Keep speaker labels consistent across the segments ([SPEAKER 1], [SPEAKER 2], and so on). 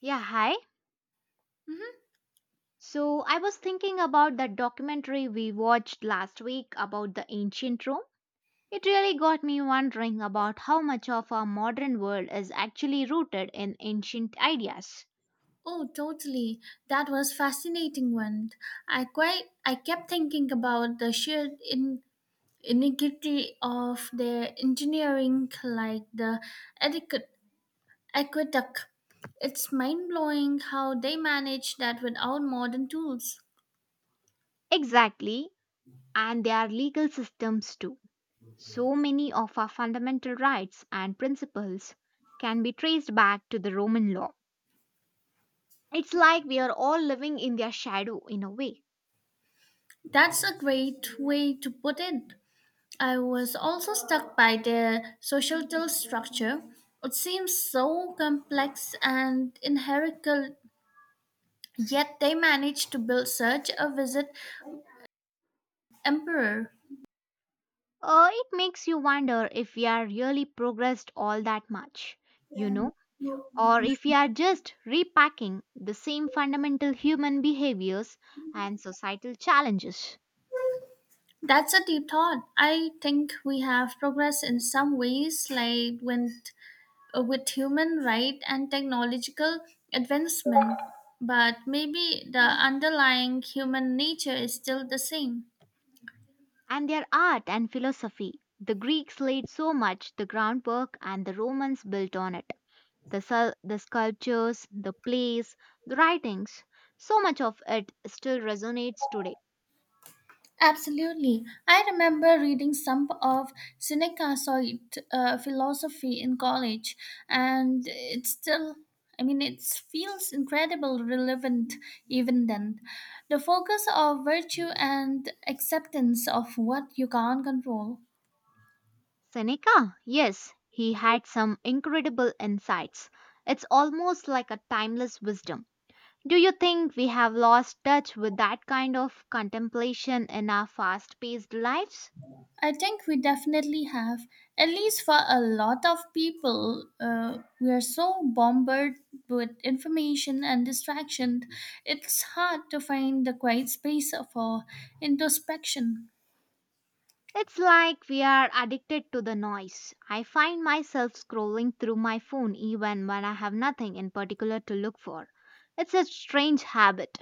[SPEAKER 1] Yeah, hi.
[SPEAKER 2] Mhm.
[SPEAKER 1] So I was thinking about that documentary we watched last week about the ancient Rome. It really got me wondering about how much of our modern world is actually rooted in ancient ideas.
[SPEAKER 2] Oh, totally. That was fascinating one. I kept thinking about the sheer iniquity of their engineering, like the adequate aqueduct. It's mind blowing how they manage that without modern tools.
[SPEAKER 1] Exactly, and their legal systems too. So many of our fundamental rights and principles can be traced back to the Roman law. It's like we are all living in their shadow in a way.
[SPEAKER 2] That's a great way to put it. I was also struck by their societal structure. It seems so complex and inherently. Yet they managed to build such a visit emperor.
[SPEAKER 1] It makes you wonder if we are really progressed all that much, you know, or if we are just repacking the same fundamental human behaviors and societal challenges.
[SPEAKER 2] That's a deep thought. I think we have progressed in some ways, like with human right and technological advancement, but maybe the underlying human nature is still the same.
[SPEAKER 1] And their art and philosophy. The Greeks laid so much the groundwork and the Romans built on it. The sculptures, the plays, the writings, so much of it still resonates today.
[SPEAKER 2] Absolutely. I remember reading some of Seneca's philosophy in college, and it still, it feels incredible relevant even then. The focus of virtue and acceptance of what you can't control.
[SPEAKER 1] Seneca? Yes, he had some incredible insights. It's almost like a timeless wisdom. Do you think we have lost touch with that kind of contemplation in our fast paced lives?
[SPEAKER 2] I think we definitely have, at least for a lot of people, we are so bombarded with information and distraction, it's hard to find the quiet space for introspection.
[SPEAKER 1] It's like we are addicted to the noise. I find myself scrolling through my phone even when I have nothing in particular to look for. It's a strange habit.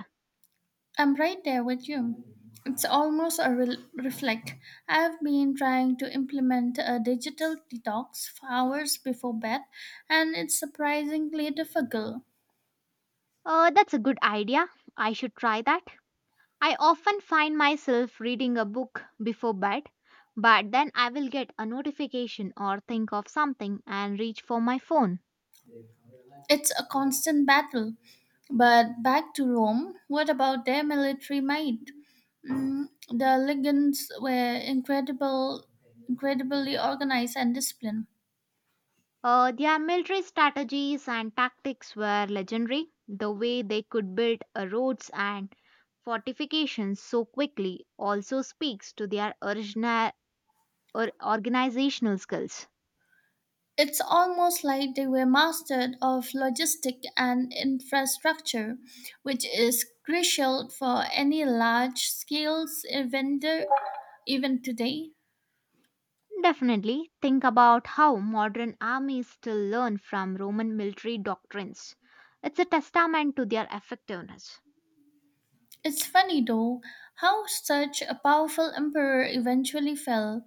[SPEAKER 2] I'm right there with you. It's almost a reflect. I've been trying to implement a digital detox for hours before bed, and it's surprisingly difficult.
[SPEAKER 1] That's a good idea. I should try that. I often find myself reading a book before bed, but then I will get a notification or think of something and reach for my phone.
[SPEAKER 2] It's a constant battle. But back to Rome, what about their military might? Mm, the incredibly organized and disciplined.
[SPEAKER 1] Their military strategies and tactics were legendary, the way they could build roads and fortifications so quickly also speaks to their original or organizational skills.
[SPEAKER 2] It's almost like they were masters of logistic and infrastructure, which is crucial for any large-scale vendor even today.
[SPEAKER 1] Definitely think about how modern armies still learn from Roman military doctrines. It's a testament to their effectiveness.
[SPEAKER 2] It's funny though how such a powerful emperor eventually fell.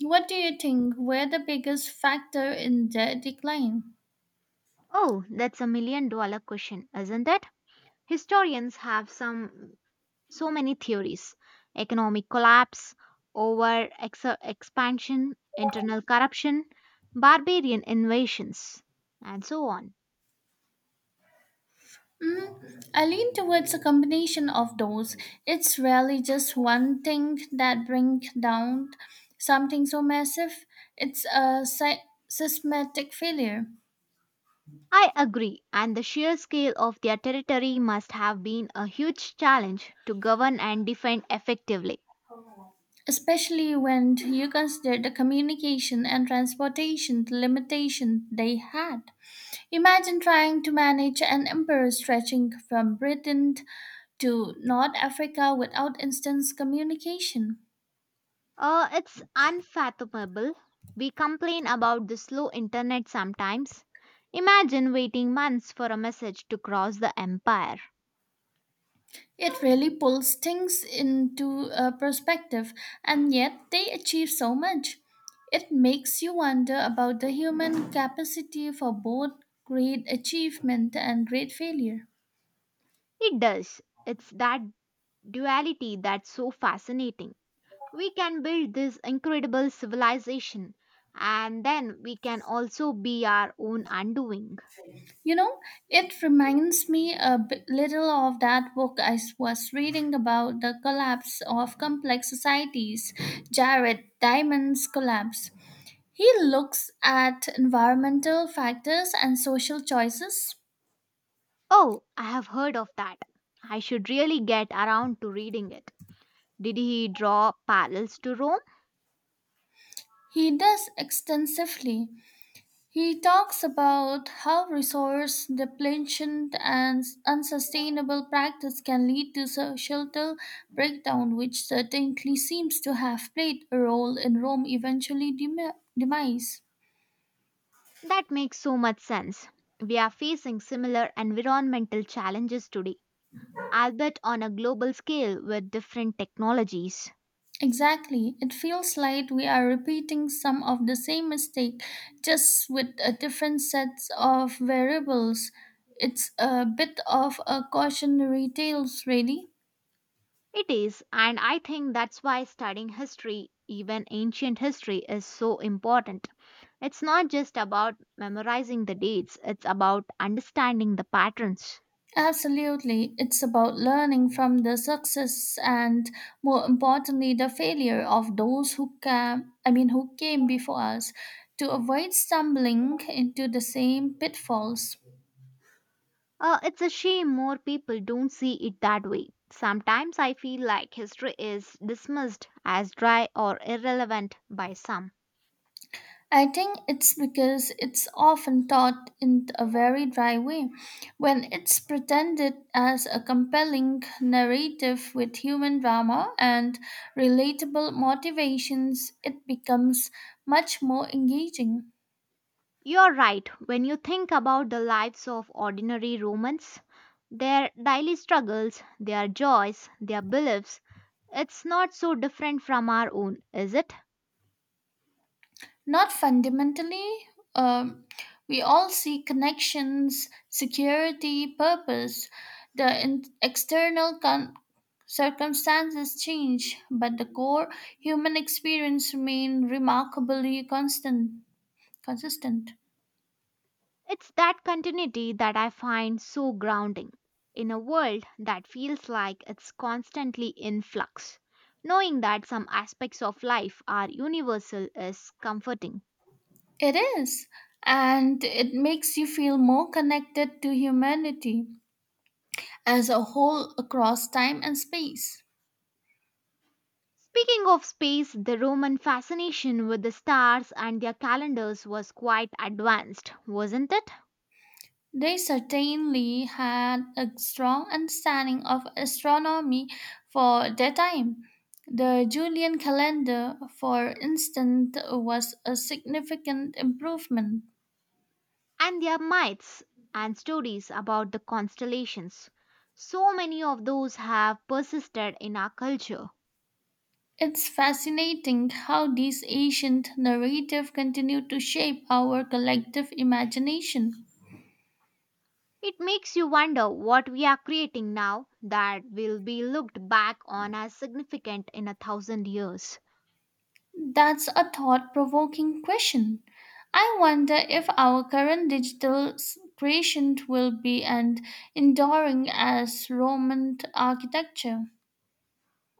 [SPEAKER 2] What do you think were the biggest factor in their decline?
[SPEAKER 1] Oh, that's a million dollar question, isn't it? Historians have some so many theories. Economic collapse, expansion, internal corruption, barbarian invasions, and so on.
[SPEAKER 2] Mm, I lean towards a combination of those. It's rarely just one thing that brings down something so massive. It's a systematic failure,
[SPEAKER 1] I agree, and the sheer scale of their territory must have been a huge challenge to govern and defend effectively.
[SPEAKER 2] especially when you consider the communication and transportation limitations they had. Imagine trying to manage an empire stretching from Britain to North Africa without instant communication.
[SPEAKER 1] It's unfathomable. We complain about the slow internet sometimes. Imagine waiting months for a message to cross the empire.
[SPEAKER 2] It really pulls things into perspective, and yet they achieve so much. It makes you wonder about the human capacity for both great achievement and great failure.
[SPEAKER 1] It does. It's that duality that's so fascinating. We can build this incredible civilization, and then we can also be our own undoing.
[SPEAKER 2] You know, it reminds me a bit little of that book I was reading about the collapse of complex societies, Jared Diamond's Collapse. He looks at environmental factors and social choices.
[SPEAKER 1] Oh, I have heard of that. I should really get around to reading it. Did he draw parallels to Rome?
[SPEAKER 2] He does extensively. He talks about how resource depletion and unsustainable practice can lead to societal breakdown, which certainly seems to have played a role in Rome's eventually demise.
[SPEAKER 1] That makes so much sense. We are facing similar environmental challenges today, albeit on a global scale with different technologies.
[SPEAKER 2] Exactly. It feels like we are repeating some of the same mistake, just with a different sets of variables. It's a bit of a cautionary tales, really.
[SPEAKER 1] It is, and I think that's why studying history, even ancient history, is so important. It's not just about memorizing the dates, it's about understanding the patterns.
[SPEAKER 2] Absolutely. It's about learning from the success and more importantly the failure of those who came before us to avoid stumbling into the same pitfalls.
[SPEAKER 1] It's a shame more people don't see it that way. Sometimes I feel like history is dismissed as dry or irrelevant by some.
[SPEAKER 2] I think it's because it's often taught in a very dry way. When it's pretended as a compelling narrative with human drama and relatable motivations, it becomes much more engaging.
[SPEAKER 1] You're right, when you think about the lives of ordinary Romans, their daily struggles, their joys, their beliefs, it's not so different from our own, is it?
[SPEAKER 2] Not fundamentally. Um, we all see connections, security, purpose. The external circumstances change, but the core human experience remain remarkably consistent.
[SPEAKER 1] It's that continuity that I find so grounding. In a world that feels like it's constantly in flux, knowing that some aspects of life are universal is comforting.
[SPEAKER 2] It is, and it makes you feel more connected to humanity as a whole across time and space.
[SPEAKER 1] Speaking of space, the Roman fascination with the stars and their calendars was quite advanced, wasn't it?
[SPEAKER 2] They certainly had a strong understanding of astronomy for their time. The Julian calendar, for instance, was a significant improvement.
[SPEAKER 1] And their myths and stories about the constellations. So many of those have persisted in our culture.
[SPEAKER 2] It's fascinating how these ancient narratives continue to shape our collective imagination.
[SPEAKER 1] It makes you wonder what we are creating now that will be looked back on as significant in a thousand years.
[SPEAKER 2] That's a thought provoking question. I wonder if our current digital creation will be as enduring as Roman architecture.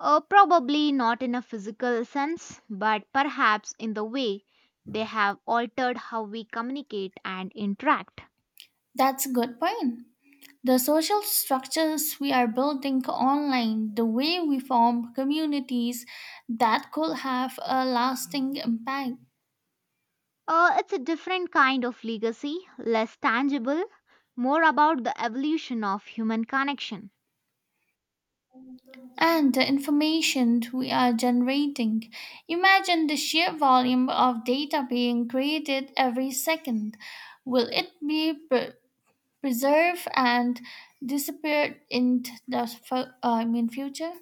[SPEAKER 1] Probably not in a physical sense, but perhaps in the way they have altered how we communicate and interact.
[SPEAKER 2] That's a good point. The social structures we are building online, the way we form communities, that could have a lasting impact.
[SPEAKER 1] It's a different kind of legacy, less tangible, more about the evolution of human connection.
[SPEAKER 2] And the information we are generating. Imagine the sheer volume of data being created every second. Will it be preserved and disappeared in the future?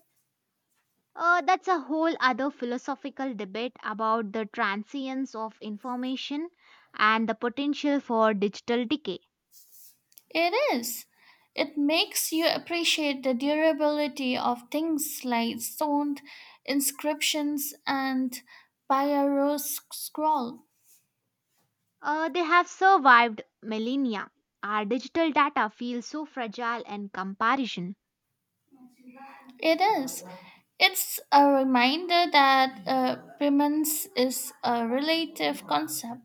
[SPEAKER 1] That's a whole other philosophical debate about the transience of information and the potential for digital decay.
[SPEAKER 2] It is. It makes you appreciate the durability of things like stone inscriptions and papyrus scroll.
[SPEAKER 1] They have survived millennia. Our digital data feels so fragile in comparison.
[SPEAKER 2] It is. It's a reminder that premise is a relative concept.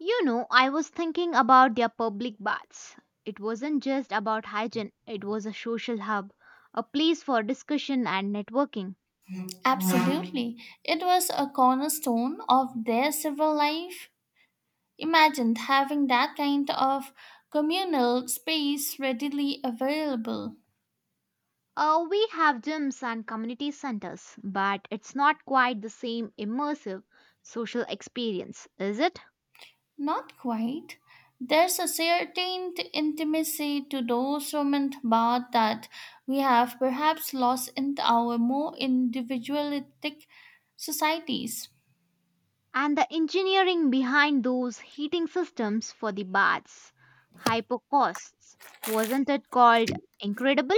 [SPEAKER 1] You know, I was thinking about their public baths. It wasn't just about hygiene, it was a social hub, a place for discussion and networking.
[SPEAKER 2] Absolutely. It was a cornerstone of their civil life. Imagine having that kind of communal space readily available.
[SPEAKER 1] We have gyms and community centers, but it's not quite the same immersive social experience, is it?
[SPEAKER 2] Not quite. There's a certain intimacy to those Roman baths that we have perhaps lost in our more individualistic societies.
[SPEAKER 1] And the engineering behind those heating systems for the baths, hyper costs, wasn't it called incredible?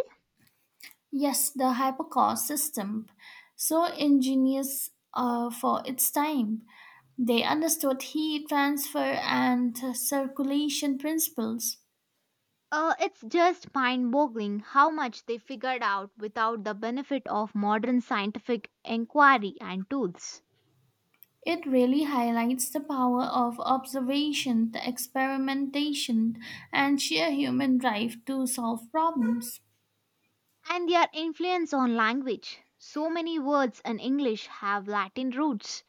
[SPEAKER 2] Yes, the hypercar system, so ingenious for its time. They understood heat transfer and circulation principles.
[SPEAKER 1] It's just mind boggling how much they figured out without the benefit of modern scientific inquiry and tools.
[SPEAKER 2] It really highlights the power of observation, the experimentation, and sheer human drive to solve problems.
[SPEAKER 1] And their influence on language. So many words in English have Latin roots.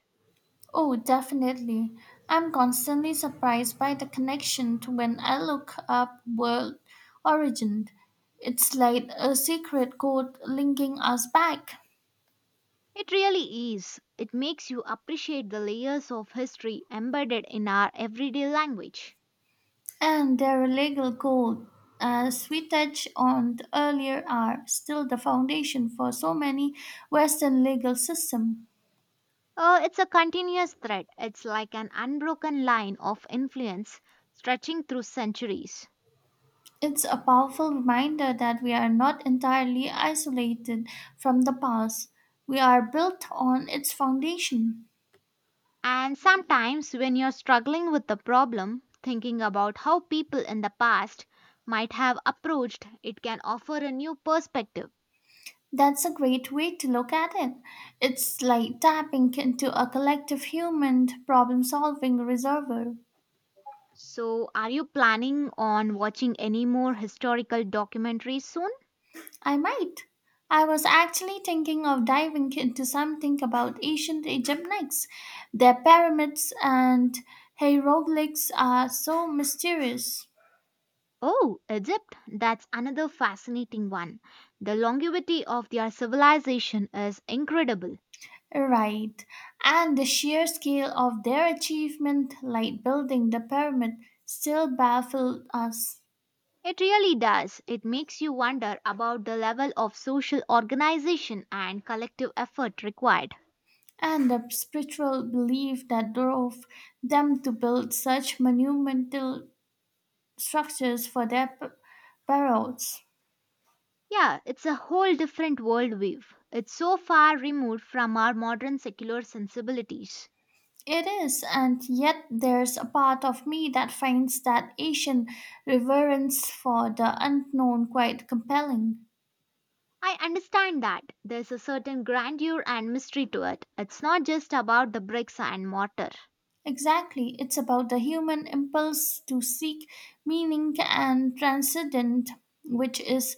[SPEAKER 2] Oh, definitely. I'm constantly surprised by the connection to when I look up world origin. It's like a secret code linking us back.
[SPEAKER 1] It really is. It makes you appreciate the layers of history embedded in our everyday language.
[SPEAKER 2] And their legal code, as we touched on earlier, are still the foundation for so many Western legal systems.
[SPEAKER 1] It's a continuous thread, it's like an unbroken line of influence stretching through centuries.
[SPEAKER 2] It's a powerful reminder that we are not entirely isolated from the past. We are built on its foundation.
[SPEAKER 1] And sometimes, when you're struggling with a problem, thinking about how people in the past might have approached it can offer a new perspective.
[SPEAKER 2] That's a great way to look at it. It's like tapping into a collective human problem solving reservoir.
[SPEAKER 1] So, are you planning on watching any more historical documentaries soon?
[SPEAKER 2] I might. I was actually thinking of diving into something about ancient Egypt next. Their pyramids and hieroglyphs are so mysterious.
[SPEAKER 1] Oh, Egypt, that's another fascinating one. The longevity of their civilization is incredible.
[SPEAKER 2] Right. And the sheer scale of their achievement, like building the pyramid, still baffled us.
[SPEAKER 1] It really does. It makes you wonder about the level of social organization and collective effort required.
[SPEAKER 2] And the spiritual belief that drove them to build such monumental structures for their burials.
[SPEAKER 1] Yeah, it's a whole different world wave. It's so far removed from our modern secular sensibilities.
[SPEAKER 2] It is, and yet there's a part of me that finds that Asian reverence for the unknown quite compelling.
[SPEAKER 1] I understand that. There's a certain grandeur and mystery to it. It's not just about the bricks and mortar.
[SPEAKER 2] Exactly, it's about the human impulse to seek meaning and transcendent, which is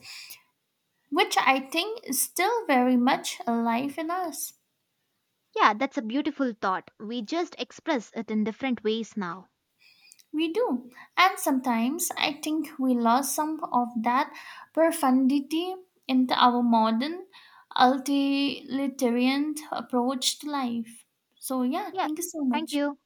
[SPEAKER 2] which I think is still very much alive in us.
[SPEAKER 1] Yeah, that's a beautiful thought. We just express it in different ways now.
[SPEAKER 2] We do. And sometimes I think we lost some of that profundity in our modern utilitarian approach to life. So, yeah,
[SPEAKER 1] Yeah,
[SPEAKER 2] thank you so
[SPEAKER 1] thank
[SPEAKER 2] much.
[SPEAKER 1] you.